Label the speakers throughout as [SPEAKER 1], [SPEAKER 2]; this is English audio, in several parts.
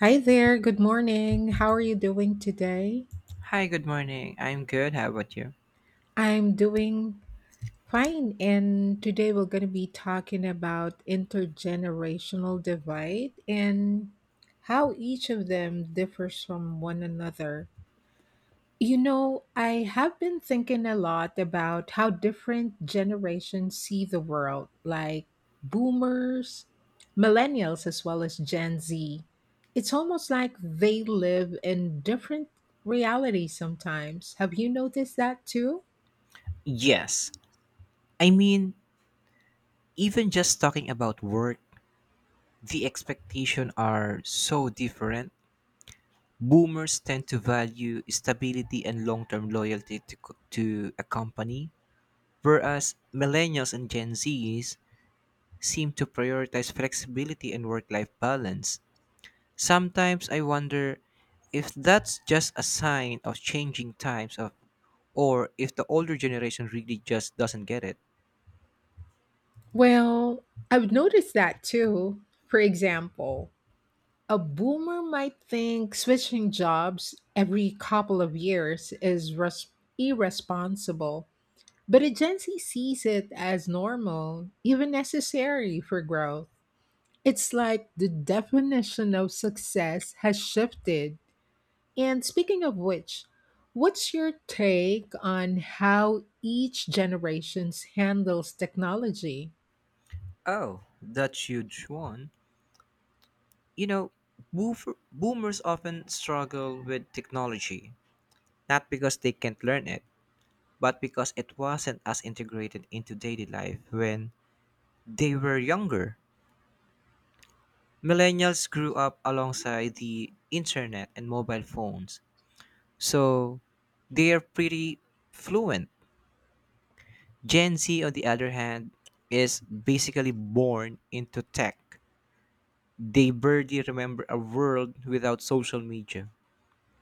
[SPEAKER 1] Hi there, good morning. How are you doing today?
[SPEAKER 2] Hi, good morning. I'm good. How about you?
[SPEAKER 1] I'm doing fine, and today we're going to be talking about intergenerational divide and how each of them differs from one another. You know, I have been thinking a lot about how different generations see the world, like boomers, millennials, as well as Gen Z. It's almost like they live in different realities sometimes. Have you noticed that too?
[SPEAKER 2] Yes. I mean, even just talking about work, the expectations are so different. Boomers tend to value stability and long-term loyalty to a company, whereas millennials and Gen Zs seem to prioritize flexibility and work-life balance. Sometimes I wonder if that's just a sign of changing times of or if the older generation really just doesn't get it.
[SPEAKER 1] Well, I've noticed that too. For example, a boomer might think switching jobs every couple of years is irresponsible. But a Gen Z sees it as normal, even necessary for growth. It's like the definition of success has shifted. And speaking of which, what's your take on how each generation handles technology?
[SPEAKER 2] Oh, that huge one. You know, boomers often struggle with technology, not because they can't learn it, but because it wasn't as integrated into daily life when they were younger. Millennials grew up alongside the internet and mobile phones, so they are pretty fluent. Gen Z, on the other hand, is basically born into tech. They barely remember a world without social media.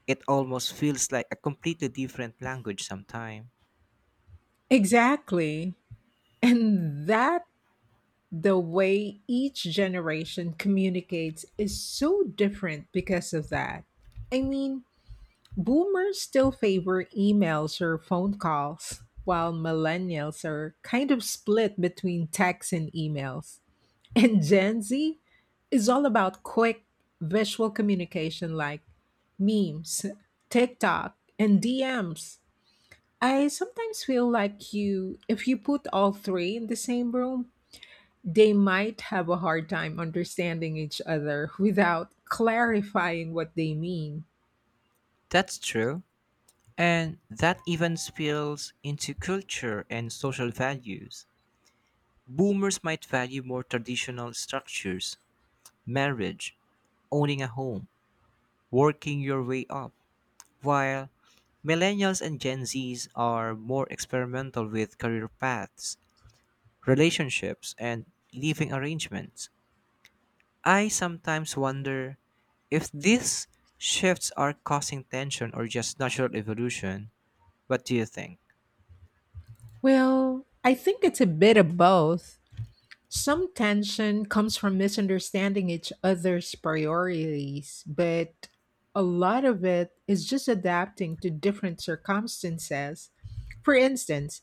[SPEAKER 2] It almost feels like a completely different language sometimes.
[SPEAKER 1] Exactly. And that the way each generation communicates is so different because of that. I mean, boomers still favor emails or phone calls, while millennials are kind of split between texts and emails. And Gen Z is all about quick visual communication like memes, TikTok, and DMs. I sometimes feel like you if you put all three in the same room, they might have a hard time understanding each other without clarifying what they mean.
[SPEAKER 2] That's true. And that even spills into culture and social values. Boomers might value more traditional structures, marriage, owning a home, working your way up, while millennials and Gen Zs are more experimental with career paths, relationships, and living arrangements. I sometimes wonder if these shifts are causing tension or just natural evolution. What do you think?
[SPEAKER 1] Well, I think it's a bit of both. Some tension comes from misunderstanding each other's priorities, but a lot of it is just adapting to different circumstances. For instance,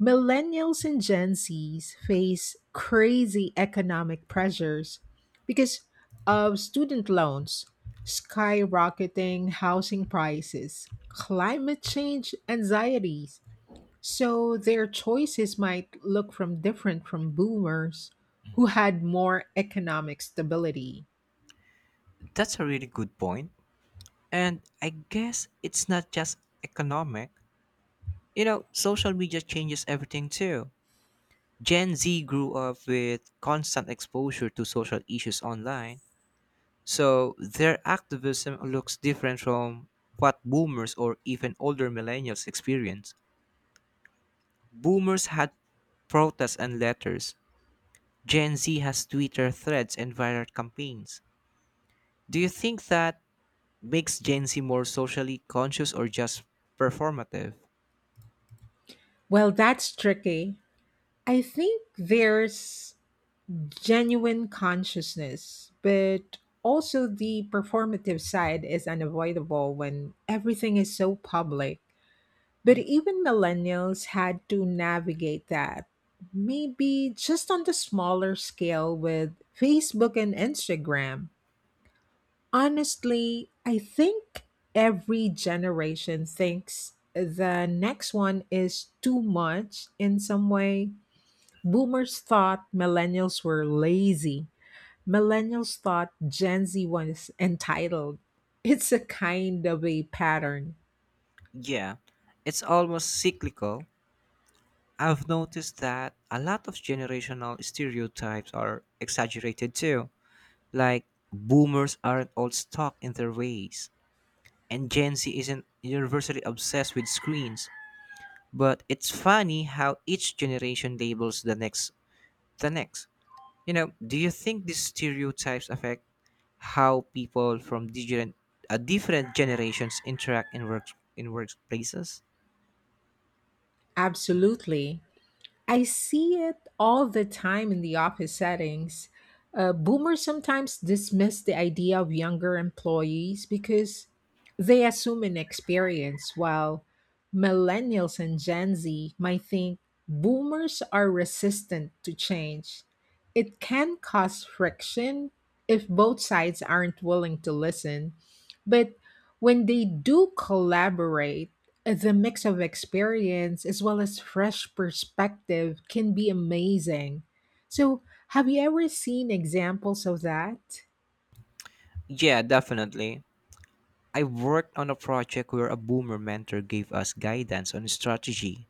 [SPEAKER 1] millennials and Gen Zs face crazy economic pressures because of student loans, skyrocketing housing prices, climate change anxieties, so their choices might look from different from boomers who had more economic stability.
[SPEAKER 2] That's a really good point. And I guess it's not just economic. Social media changes everything too. Gen Z grew up with constant exposure to social issues online, so their activism looks different from what boomers or even older millennials experience. Boomers had protests and letters, Gen Z has Twitter threads and viral campaigns. Do you think that makes Gen Z more socially conscious or just performative?
[SPEAKER 1] Well, that's tricky. I think there's genuine consciousness, but also the performative side is unavoidable when everything is so public. But
[SPEAKER 2] Mhm.
[SPEAKER 1] even millennials had to navigate that, maybe just on the smaller scale with Facebook and Instagram. Honestly, I think every generation thinks the next one is too much in some way. Boomers thought millennials were lazy. Millennials thought Gen Z was entitled. It's a kind of a pattern.
[SPEAKER 2] Yeah, it's almost cyclical. I've noticed that a lot of generational stereotypes are exaggerated too. Like, boomers aren't all stuck in their ways, and Gen Z isn't universally obsessed with screens. But it's funny how each generation labels the next. Do you think these stereotypes affect how people from different generations interact in workplaces?
[SPEAKER 1] Absolutely. I see it all the time in the office settings. Boomers sometimes dismiss the idea of younger employees because they assume inexperience, while millennials and Gen Z might think boomers are resistant to change. It can cause friction if both sides aren't willing to listen, but when they do collaborate, the mix of experience as well as fresh perspective can be amazing. So, have you ever seen examples of that?
[SPEAKER 2] Yeah, definitely. I worked on a project where a boomer mentor gave us guidance on strategy,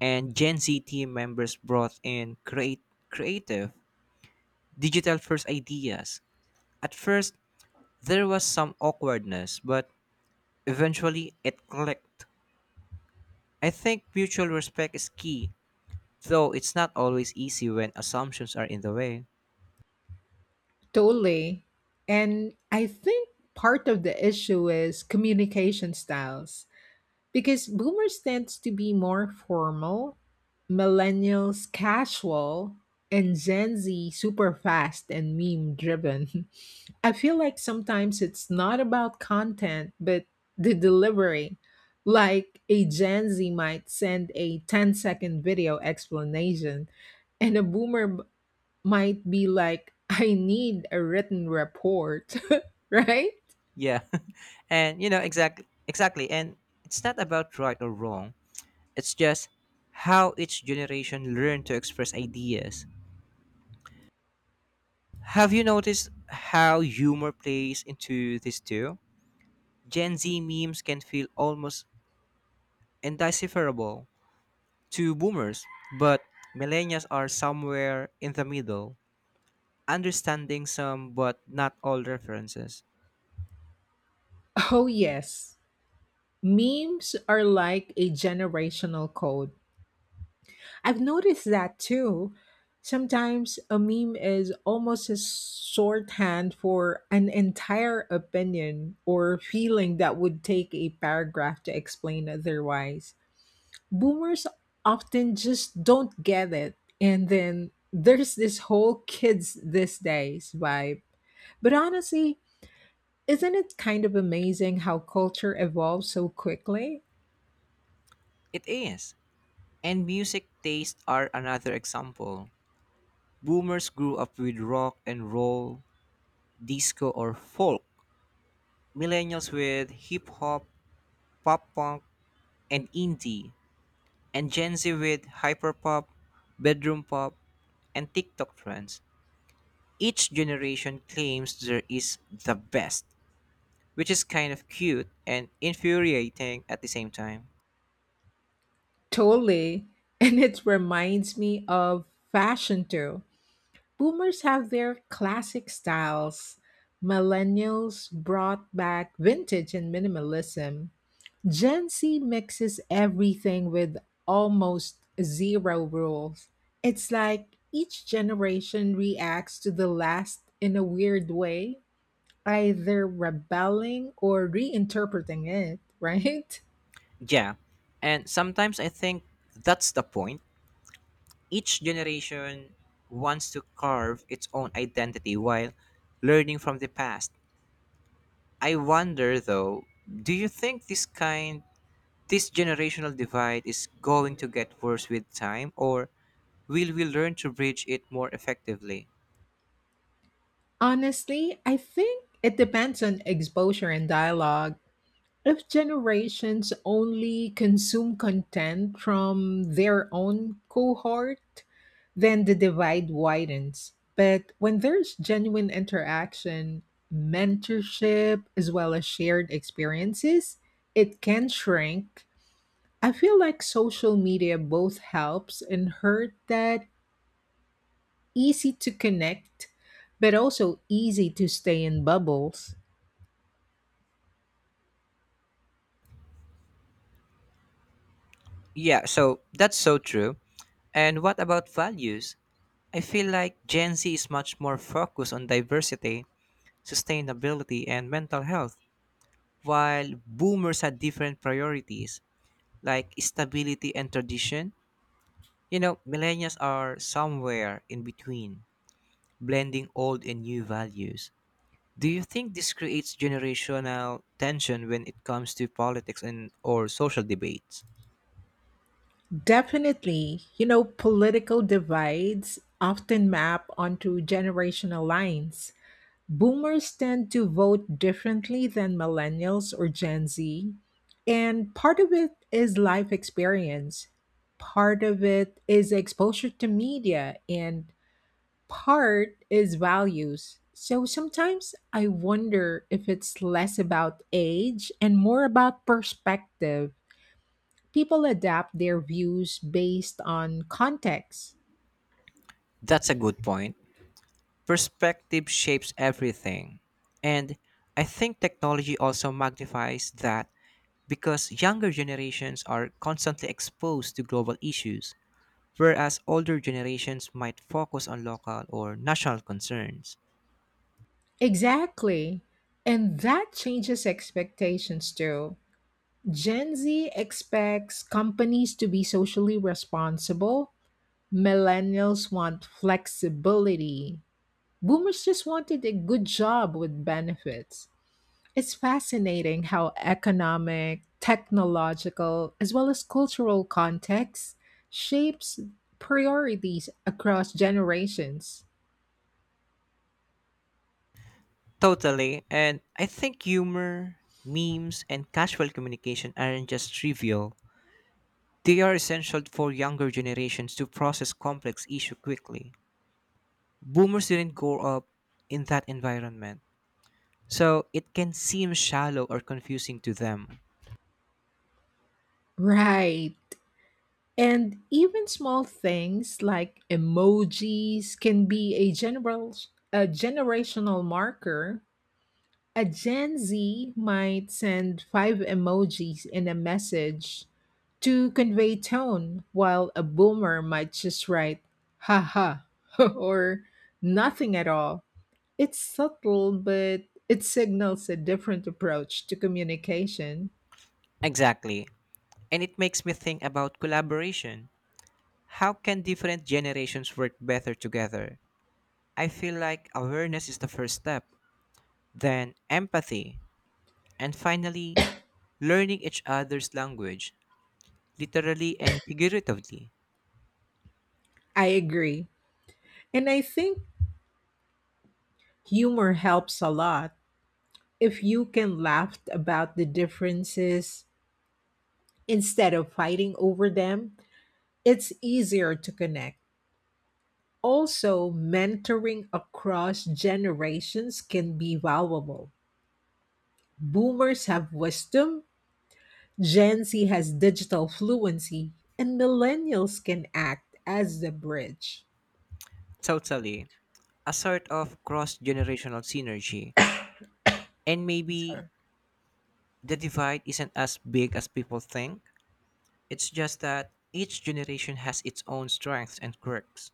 [SPEAKER 2] and Gen Z team members brought in create creative, digital first ideas. At first, there was some awkwardness, but eventually it clicked. I think mutual respect is key, though it's not always easy when assumptions are in the way.
[SPEAKER 1] Totally. And I think part of the issue is communication styles because boomers tends to be more formal, millennials casual, and Gen Z super fast and meme driven. I feel like sometimes it's not about content, but the delivery. Like a Gen Z might send a ten-second video explanation, and a boomer might be like, I need a written report, right?
[SPEAKER 2] Yeah. And exactly, and it's not about right or wrong. It's just how each generation learned to express ideas. Have you noticed how humor plays into this too? Gen Z memes can feel almost indecipherable to boomers, but millennials are somewhere in the middle, understanding some but not all references.
[SPEAKER 1] Oh, yes. Memes are like a generational code. I've noticed that too. Sometimes a meme is almost a shorthand for an entire opinion or feeling that would take a paragraph to explain otherwise. Boomers often just don't get it. And then there's this whole kids these days vibe. But honestly, isn't it kind of amazing how culture evolves so quickly?
[SPEAKER 2] It is. And music tastes are another example. Boomers grew up with rock and roll, disco or folk. Millennials with hip hop, pop punk, and indie. And Gen Z with hyperpop, bedroom pop, and TikTok trends. Each generation claims there is the best, which is kind of cute and infuriating at the same time.
[SPEAKER 1] Totally. And it reminds me of fashion too. Boomers have their classic styles. Millennials brought back vintage and minimalism. Gen Z mixes everything with almost zero rules. It's like each generation reacts to the last in a weird way, either rebelling or reinterpreting it, right?
[SPEAKER 2] Yeah, and sometimes I think that's the point. Each generation wants to carve its own identity while learning from the past. I wonder though, do you think this generational divide is going to get worse with time, or will we learn to bridge it more effectively?
[SPEAKER 1] Honestly, I think it depends on exposure and dialogue. If generations only consume content from their own cohort, then the divide widens. But when there's genuine interaction, mentorship, as well as shared experiences, it can shrink. I feel like social media both helps and hurt that easy to connect, but also easy to stay in bubbles.
[SPEAKER 2] Yeah, so that's so true. And what about values? I feel like Gen Z is much more focused on diversity, sustainability, and mental health, while boomers had different priorities, like stability and tradition. Millennials are somewhere in between, blending old and new values. Do you think this creates generational tension when it comes to politics and or social debates?
[SPEAKER 1] Definitely. You know, political divides often map onto generational lines. Boomers tend to vote differently than millennials or Gen Z. And part of it is life experience, part of it is exposure to media, and part is values. So sometimes I wonder if it's less about age and more about perspective. People adapt their views based on context.
[SPEAKER 2] That's a good point. Perspective shapes everything. And I think technology also magnifies that because younger generations are constantly exposed to global issues, whereas older generations might focus on local or national concerns.
[SPEAKER 1] Exactly. And that changes expectations too. Gen Z expects companies to be socially responsible. Millennials want flexibility. Boomers just wanted a good job with benefits. It's fascinating how economic, technological, as well as cultural context shapes priorities across generations.
[SPEAKER 2] Totally, and I think humor, memes, and casual communication aren't just trivial. They are essential for younger generations to process complex issues quickly. Boomers didn't grow up in that environment, so it can seem shallow or confusing to them.
[SPEAKER 1] Right. And even small things like emojis can be a general a generational marker. A Gen Z might send five emojis in a message to convey tone, while a boomer might just write haha or nothing at all. It's subtle, but it signals a different approach to communication.
[SPEAKER 2] Exactly, and it makes me think about collaboration. How can different generations work better together? I feel like awareness is the first step, then empathy, and finally, learning each other's language, literally and figuratively.
[SPEAKER 1] I agree. And I think humor helps a lot. If you can laugh about the differences instead of fighting over them, it's easier to connect. Also, mentoring across generations can be valuable. Boomers have wisdom, Gen Z has digital fluency, and millennials can act as the bridge.
[SPEAKER 2] Totally. A sort of cross generational synergy. And maybe
[SPEAKER 1] Sure.
[SPEAKER 2] the divide isn't as big as people think. It's just that each generation has its own strengths and quirks.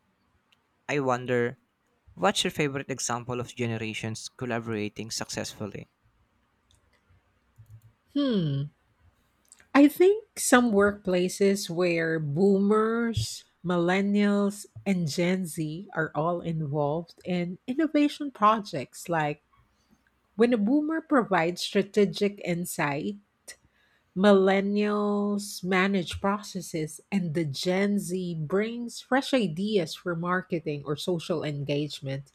[SPEAKER 2] I wonder, what's your favorite example of generations collaborating successfully?
[SPEAKER 1] Hmm. I think some workplaces where boomers, millennials, and Gen Z are all involved in innovation projects, like when a boomer provides strategic insight, millennials manage processes, and the Gen Z brings fresh ideas for marketing or social engagement.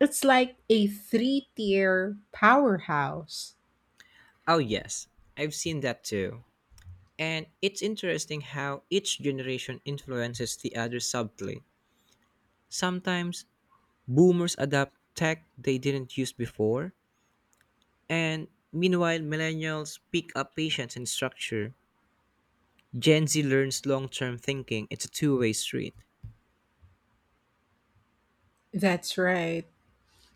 [SPEAKER 1] It's like a three tier powerhouse.
[SPEAKER 2] Oh, yes, I've seen that too. And it's interesting how each generation influences the other subtly. Sometimes boomers adapt tech they didn't use before, and meanwhile, millennials pick up patience and structure. Gen Z learns long term thinking. It's a two-way street.
[SPEAKER 1] That's right.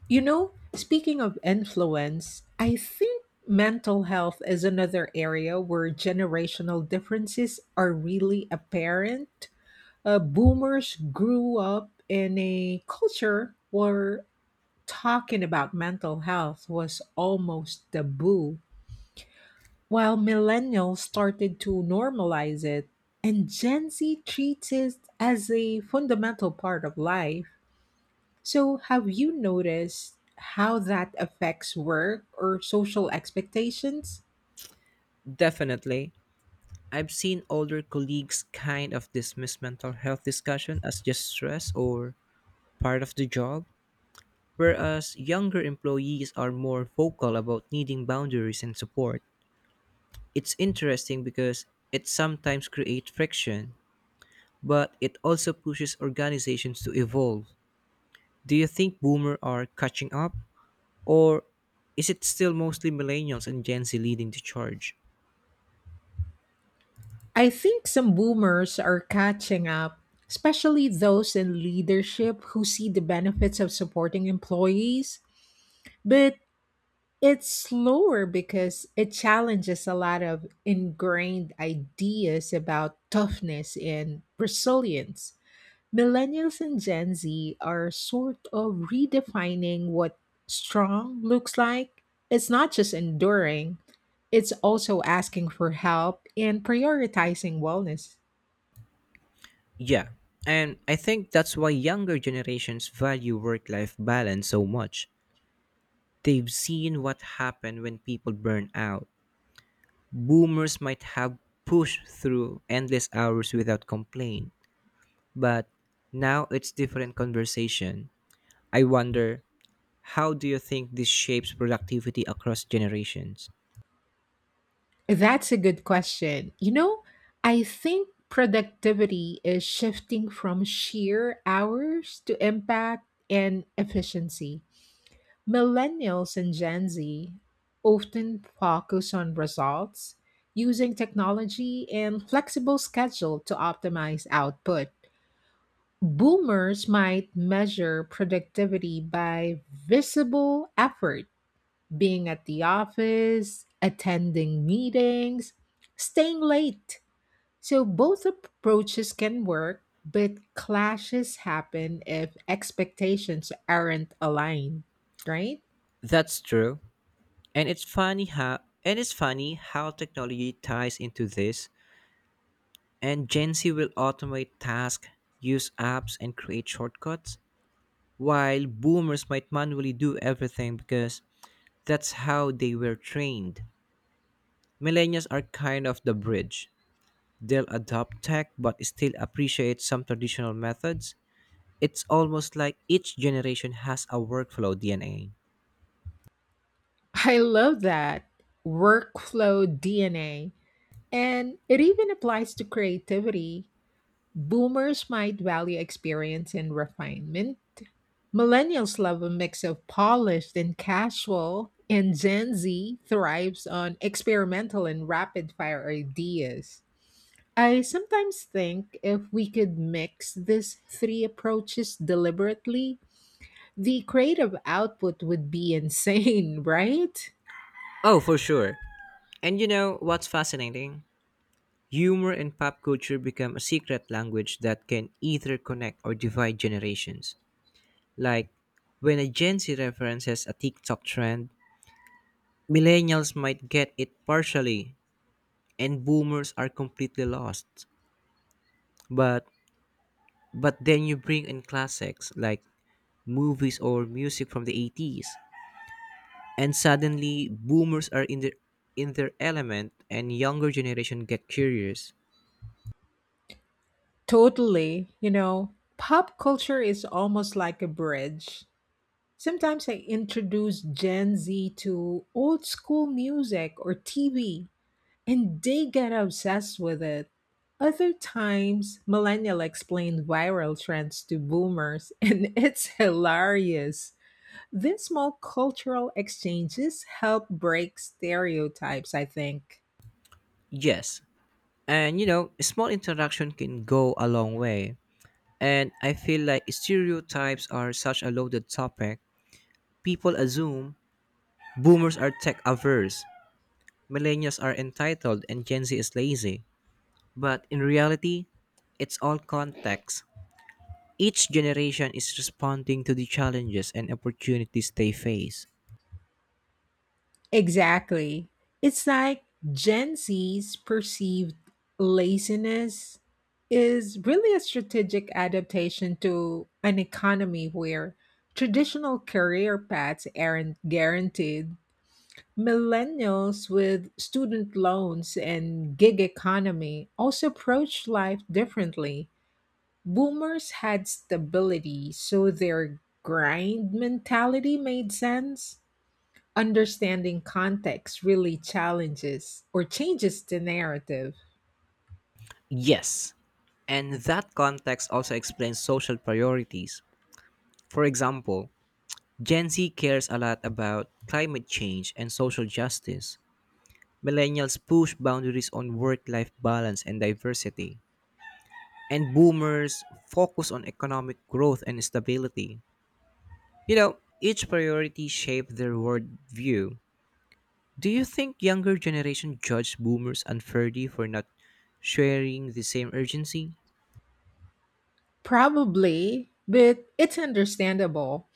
[SPEAKER 1] You know, speaking of influence, I think mental health is another area where generational differences are really apparent. Boomers grew up in a culture where talking about mental health was almost taboo, while millennials started to normalize it, and Gen Z treats it as a fundamental part of life. So, have you noticed how that affects work or social expectations?
[SPEAKER 2] Definitely. I've seen older colleagues kind of dismiss mental health discussion as just stress or part of the job, whereas younger employees are more vocal about needing boundaries and support. It's interesting because it sometimes creates friction, but it also pushes organizations to evolve. Do you think boomers are catching up, or is it still mostly millennials and Gen Z leading the charge?
[SPEAKER 1] I think some boomers are catching up, especially those in leadership who see the benefits of supporting employees. But it's slower because it challenges a lot of ingrained ideas about toughness and resilience. Millennials and Gen Z are sort of redefining what strong looks like. It's not just enduring, it's also asking for help and prioritizing wellness.
[SPEAKER 2] Yeah, and I think that's why younger generations value work life balance so much. They've seen what happened when people burn out. Boomers might have pushed through endless hours without complaint, but now it's different conversation. I wonder, how do you think this shapes productivity across generations?
[SPEAKER 1] That's a good question. You know, I think productivity is shifting from sheer hours to impact and efficiency. Millennials and Gen Z often focus on results, using technology and flexible schedule to optimize output. Boomers might measure productivity by visible effort, being at the office, attending meetings, staying late. So both approaches can work, but clashes happen if expectations aren't aligned, right?
[SPEAKER 2] That's true. And it's funny how technology ties into this. And Gen Z will automate tasks, use apps and create shortcuts, while boomers might manually do everything because that's how they were trained. Millennials are kind of the bridge. They'll adopt tech but still appreciate some traditional methods. It's almost like each generation has a workflow DNA.
[SPEAKER 1] I love that workflow DNA. And it even applies to creativity. Boomers might value experience and refinement. Millennials love a mix of polished and casual. And Gen Z thrives on experimental and rapid fire ideas. I sometimes think if we could mix these three approaches deliberately, the creative output would be insane, right?
[SPEAKER 2] Oh, for sure. And you know what's fascinating? Humor and pop culture become a secret language that can either connect or divide generations. Like when a Gen Z references a TikTok trend, millennials might get it partially and boomers are completely lost. But but then you bring in classics like movies or music from the 80s, and suddenly boomers are in their element and younger generation get curious.
[SPEAKER 1] Totally. You know, pop culture is almost like a bridge. Sometimes I introduce Gen Z to old school music or TV, and they get obsessed with it. Other times, millennial explain viral trends to boomers, and it's hilarious. These small cultural exchanges help break stereotypes, I think.
[SPEAKER 2] Yes, and small interaction can go a long way. And I feel like stereotypes are such a loaded topic. People assume boomers are tech averse, millennials are entitled, and Gen Z is lazy, but in reality, it's all context. Each generation is responding to the challenges and opportunities they face.
[SPEAKER 1] Exactly. It's like Gen Z's perceived laziness is really a strategic adaptation to an economy where traditional career paths aren't guaranteed. Millennials with student loans and gig economy also approach life differently. Boomers had stability, so their grind mentality made sense. Understanding context really challenges or changes the narrative.
[SPEAKER 2] Yes, and that context also explains social priorities. For example, Gen Z cares a lot about climate change and social justice. Millennials push boundaries on work life balance and diversity. And boomers focus on economic growth and stability. Each priority shaped their worldview. Do you think younger generation judge boomers unfairly for not sharing the same urgency?
[SPEAKER 1] Probably, but it's understandable.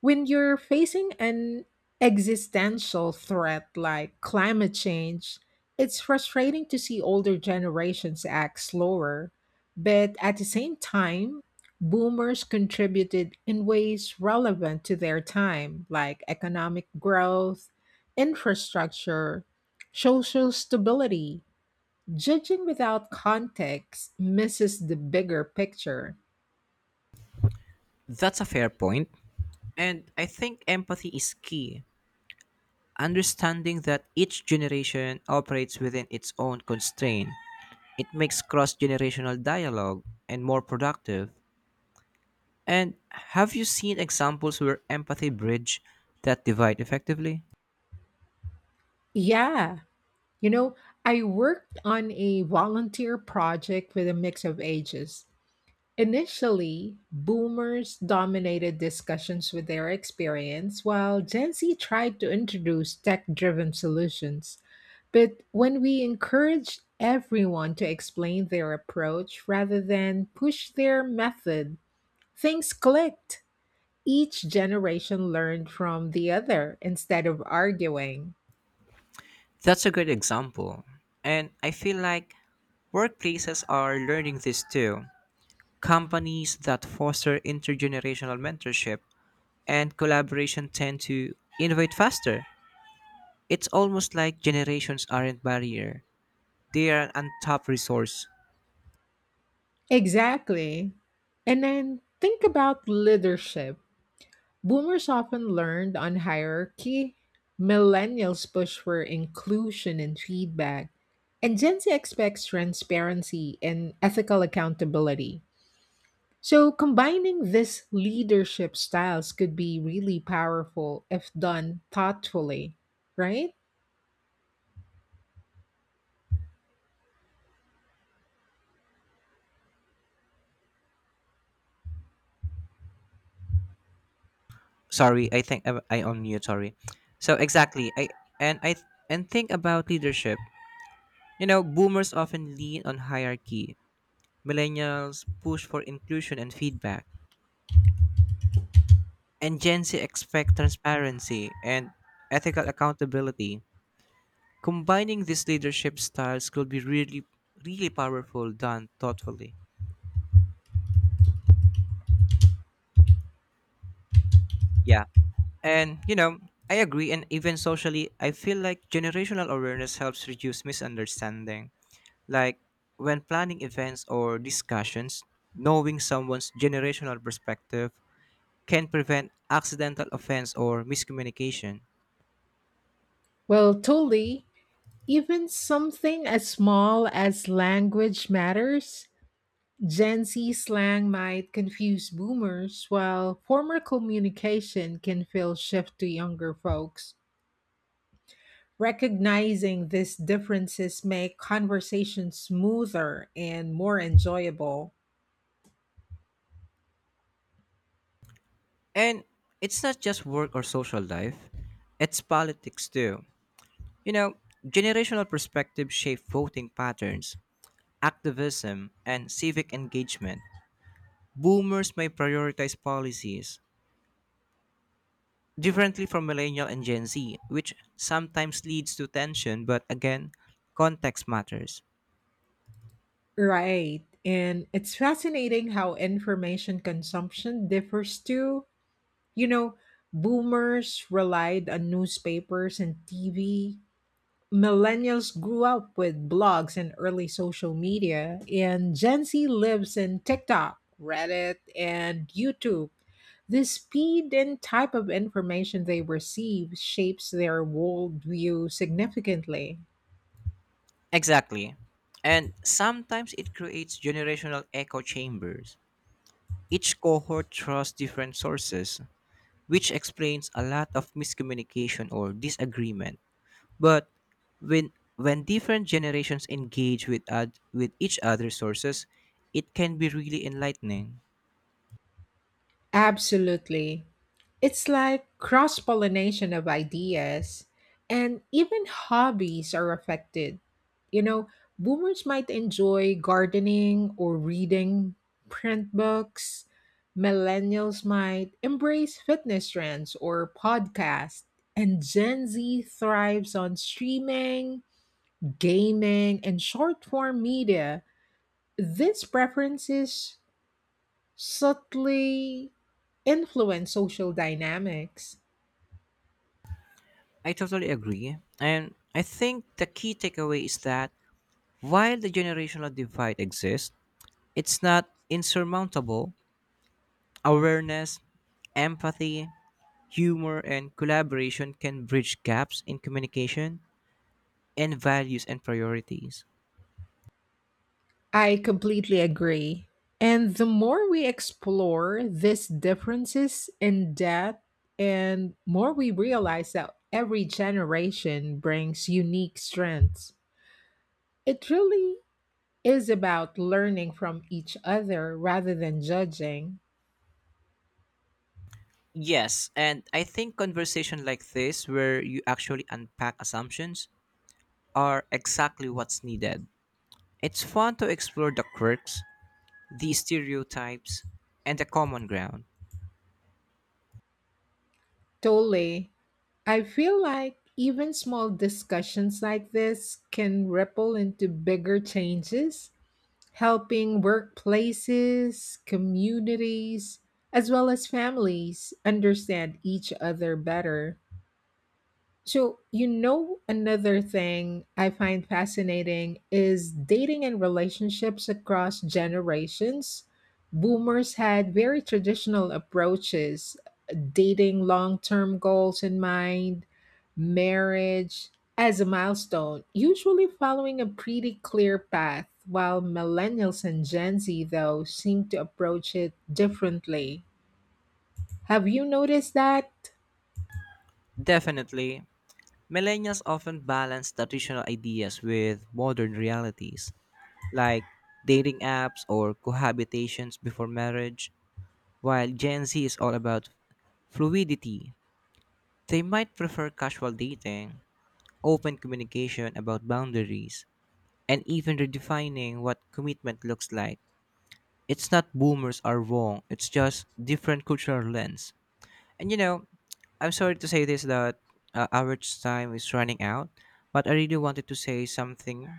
[SPEAKER 1] When you're facing an existential threat like climate change, it's frustrating to see older generations act slower. But at the same time, boomers contributed in ways relevant to their time, like economic growth, infrastructure, social stability. Judging without context misses the bigger picture.
[SPEAKER 2] That's a fair point. And I think empathy is key. Understanding that each generation operates within its own constraint, it makes cross generational dialogue and more productive. And have you seen examples where empathy bridge that divide effectively?
[SPEAKER 1] Yeah. You know, I worked on a volunteer project with a mix of ages. Initially, boomers dominated discussions with their experience, while Gen Z tried to introduce tech driven solutions. But when we encouraged everyone to explain their approach rather than push their method, things clicked. Each generation learned from the other instead of arguing.
[SPEAKER 2] That's a great example. And I feel like workplaces are learning this too. Companies that foster intergenerational mentorship and collaboration tend to innovate faster. It's almost like generations aren't barrier. They are an untapped resource.
[SPEAKER 1] Exactly. And then think about leadership. Boomers often learned on hierarchy, millennials push for inclusion and feedback, and Gen Z expects transparency and ethical accountability. So, combining these leadership styles could be really powerful if done thoughtfully, right?
[SPEAKER 2] Sorry, I think I on mute, sorry. So exactly, I and think about leadership. Boomers often lean on hierarchy. Millennials push for inclusion and feedback. And Gen Z expect transparency and ethical accountability. Combining these leadership styles could be really powerful done thoughtfully. Yeah. And, I agree. And even socially, I feel like generational awareness helps reduce misunderstanding. Like when planning events or discussions, knowing someone's generational perspective can prevent accidental offense or miscommunication.
[SPEAKER 1] Well, totally. Even something as small as language matters. Gen Z slang might confuse boomers, while former communication can feel shift to younger folks. Recognizing these differences make conversation smoother and more enjoyable.
[SPEAKER 2] And it's not just work or social life, it's politics too. You know, generational perspectives shape voting patterns, activism, and civic engagement. Boomers may prioritize policies differently from millennial and Gen Z, which sometimes leads to tension, but again, context matters.
[SPEAKER 1] Right. And it's fascinating how information consumption differs too. You know, boomers relied on newspapers and TV, millennials grew up with blogs and early social media, and Gen Z lives in TikTok, Reddit, and YouTube. The speed and type of information they receive shapes their worldview significantly.
[SPEAKER 2] Exactly. And sometimes it creates generational echo chambers. Each cohort trusts different sources, which explains a lot of miscommunication or disagreement. But when different generations engage with each other's sources, it can be really enlightening.
[SPEAKER 1] Absolutely. It's like cross pollination of ideas, and even hobbies are affected. You know, boomers might enjoy gardening or reading print books, millennials might embrace fitness trends or podcasts, and Gen Z thrives on streaming, gaming, and short form media. These preferences subtly influence social dynamics.
[SPEAKER 2] I totally agree. And I think the key takeaway is that while the generational divide exists, it's not insurmountable. Awareness, empathy, humor, and collaboration can bridge gaps in communication and values and priorities.
[SPEAKER 1] I completely agree. And the more we explore these differences in depth, and more we realize that every generation brings unique strengths. It really is about learning from each other rather than judging.
[SPEAKER 2] Yes, and I think conversation like this, where you actually unpack assumptions, are exactly what's needed. It's fun to explore the quirks, the stereotypes, and the common ground.
[SPEAKER 1] Totally. I feel like even small discussions like this can ripple into bigger changes helping workplaces, communities, as well as families understand each other better. So, you know, another thing I find fascinating is dating and relationships across generations. Boomers had very traditional approaches, dating long term goals in mind, marriage as a milestone, usually following a pretty clear path, while millennials and Gen Z, though, seem to approach it differently. Have you noticed that?
[SPEAKER 2] Definitely. Millennials often balance traditional ideas with modern realities, like dating apps or cohabitations before marriage, while Gen Z is all about fluidity. They might prefer casual dating, open communication about boundaries, and even redefining what commitment looks like. It's not boomers are wrong, it's just different cultural lens. And I'm sorry to say this that our time is running out, but I really wanted to say something.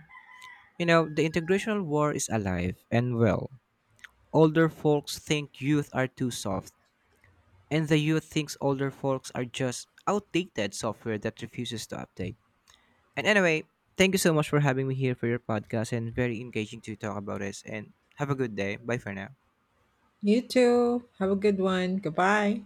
[SPEAKER 2] The integrational war is alive and well. Older folks think youth are too soft, and the youth thinks older folks are just outdated software that refuses to update. And anyway, thank you so much for having me here for your podcast and very engaging to talk about this and have a good day. Bye for now.
[SPEAKER 1] You too. Have a good one. Goodbye.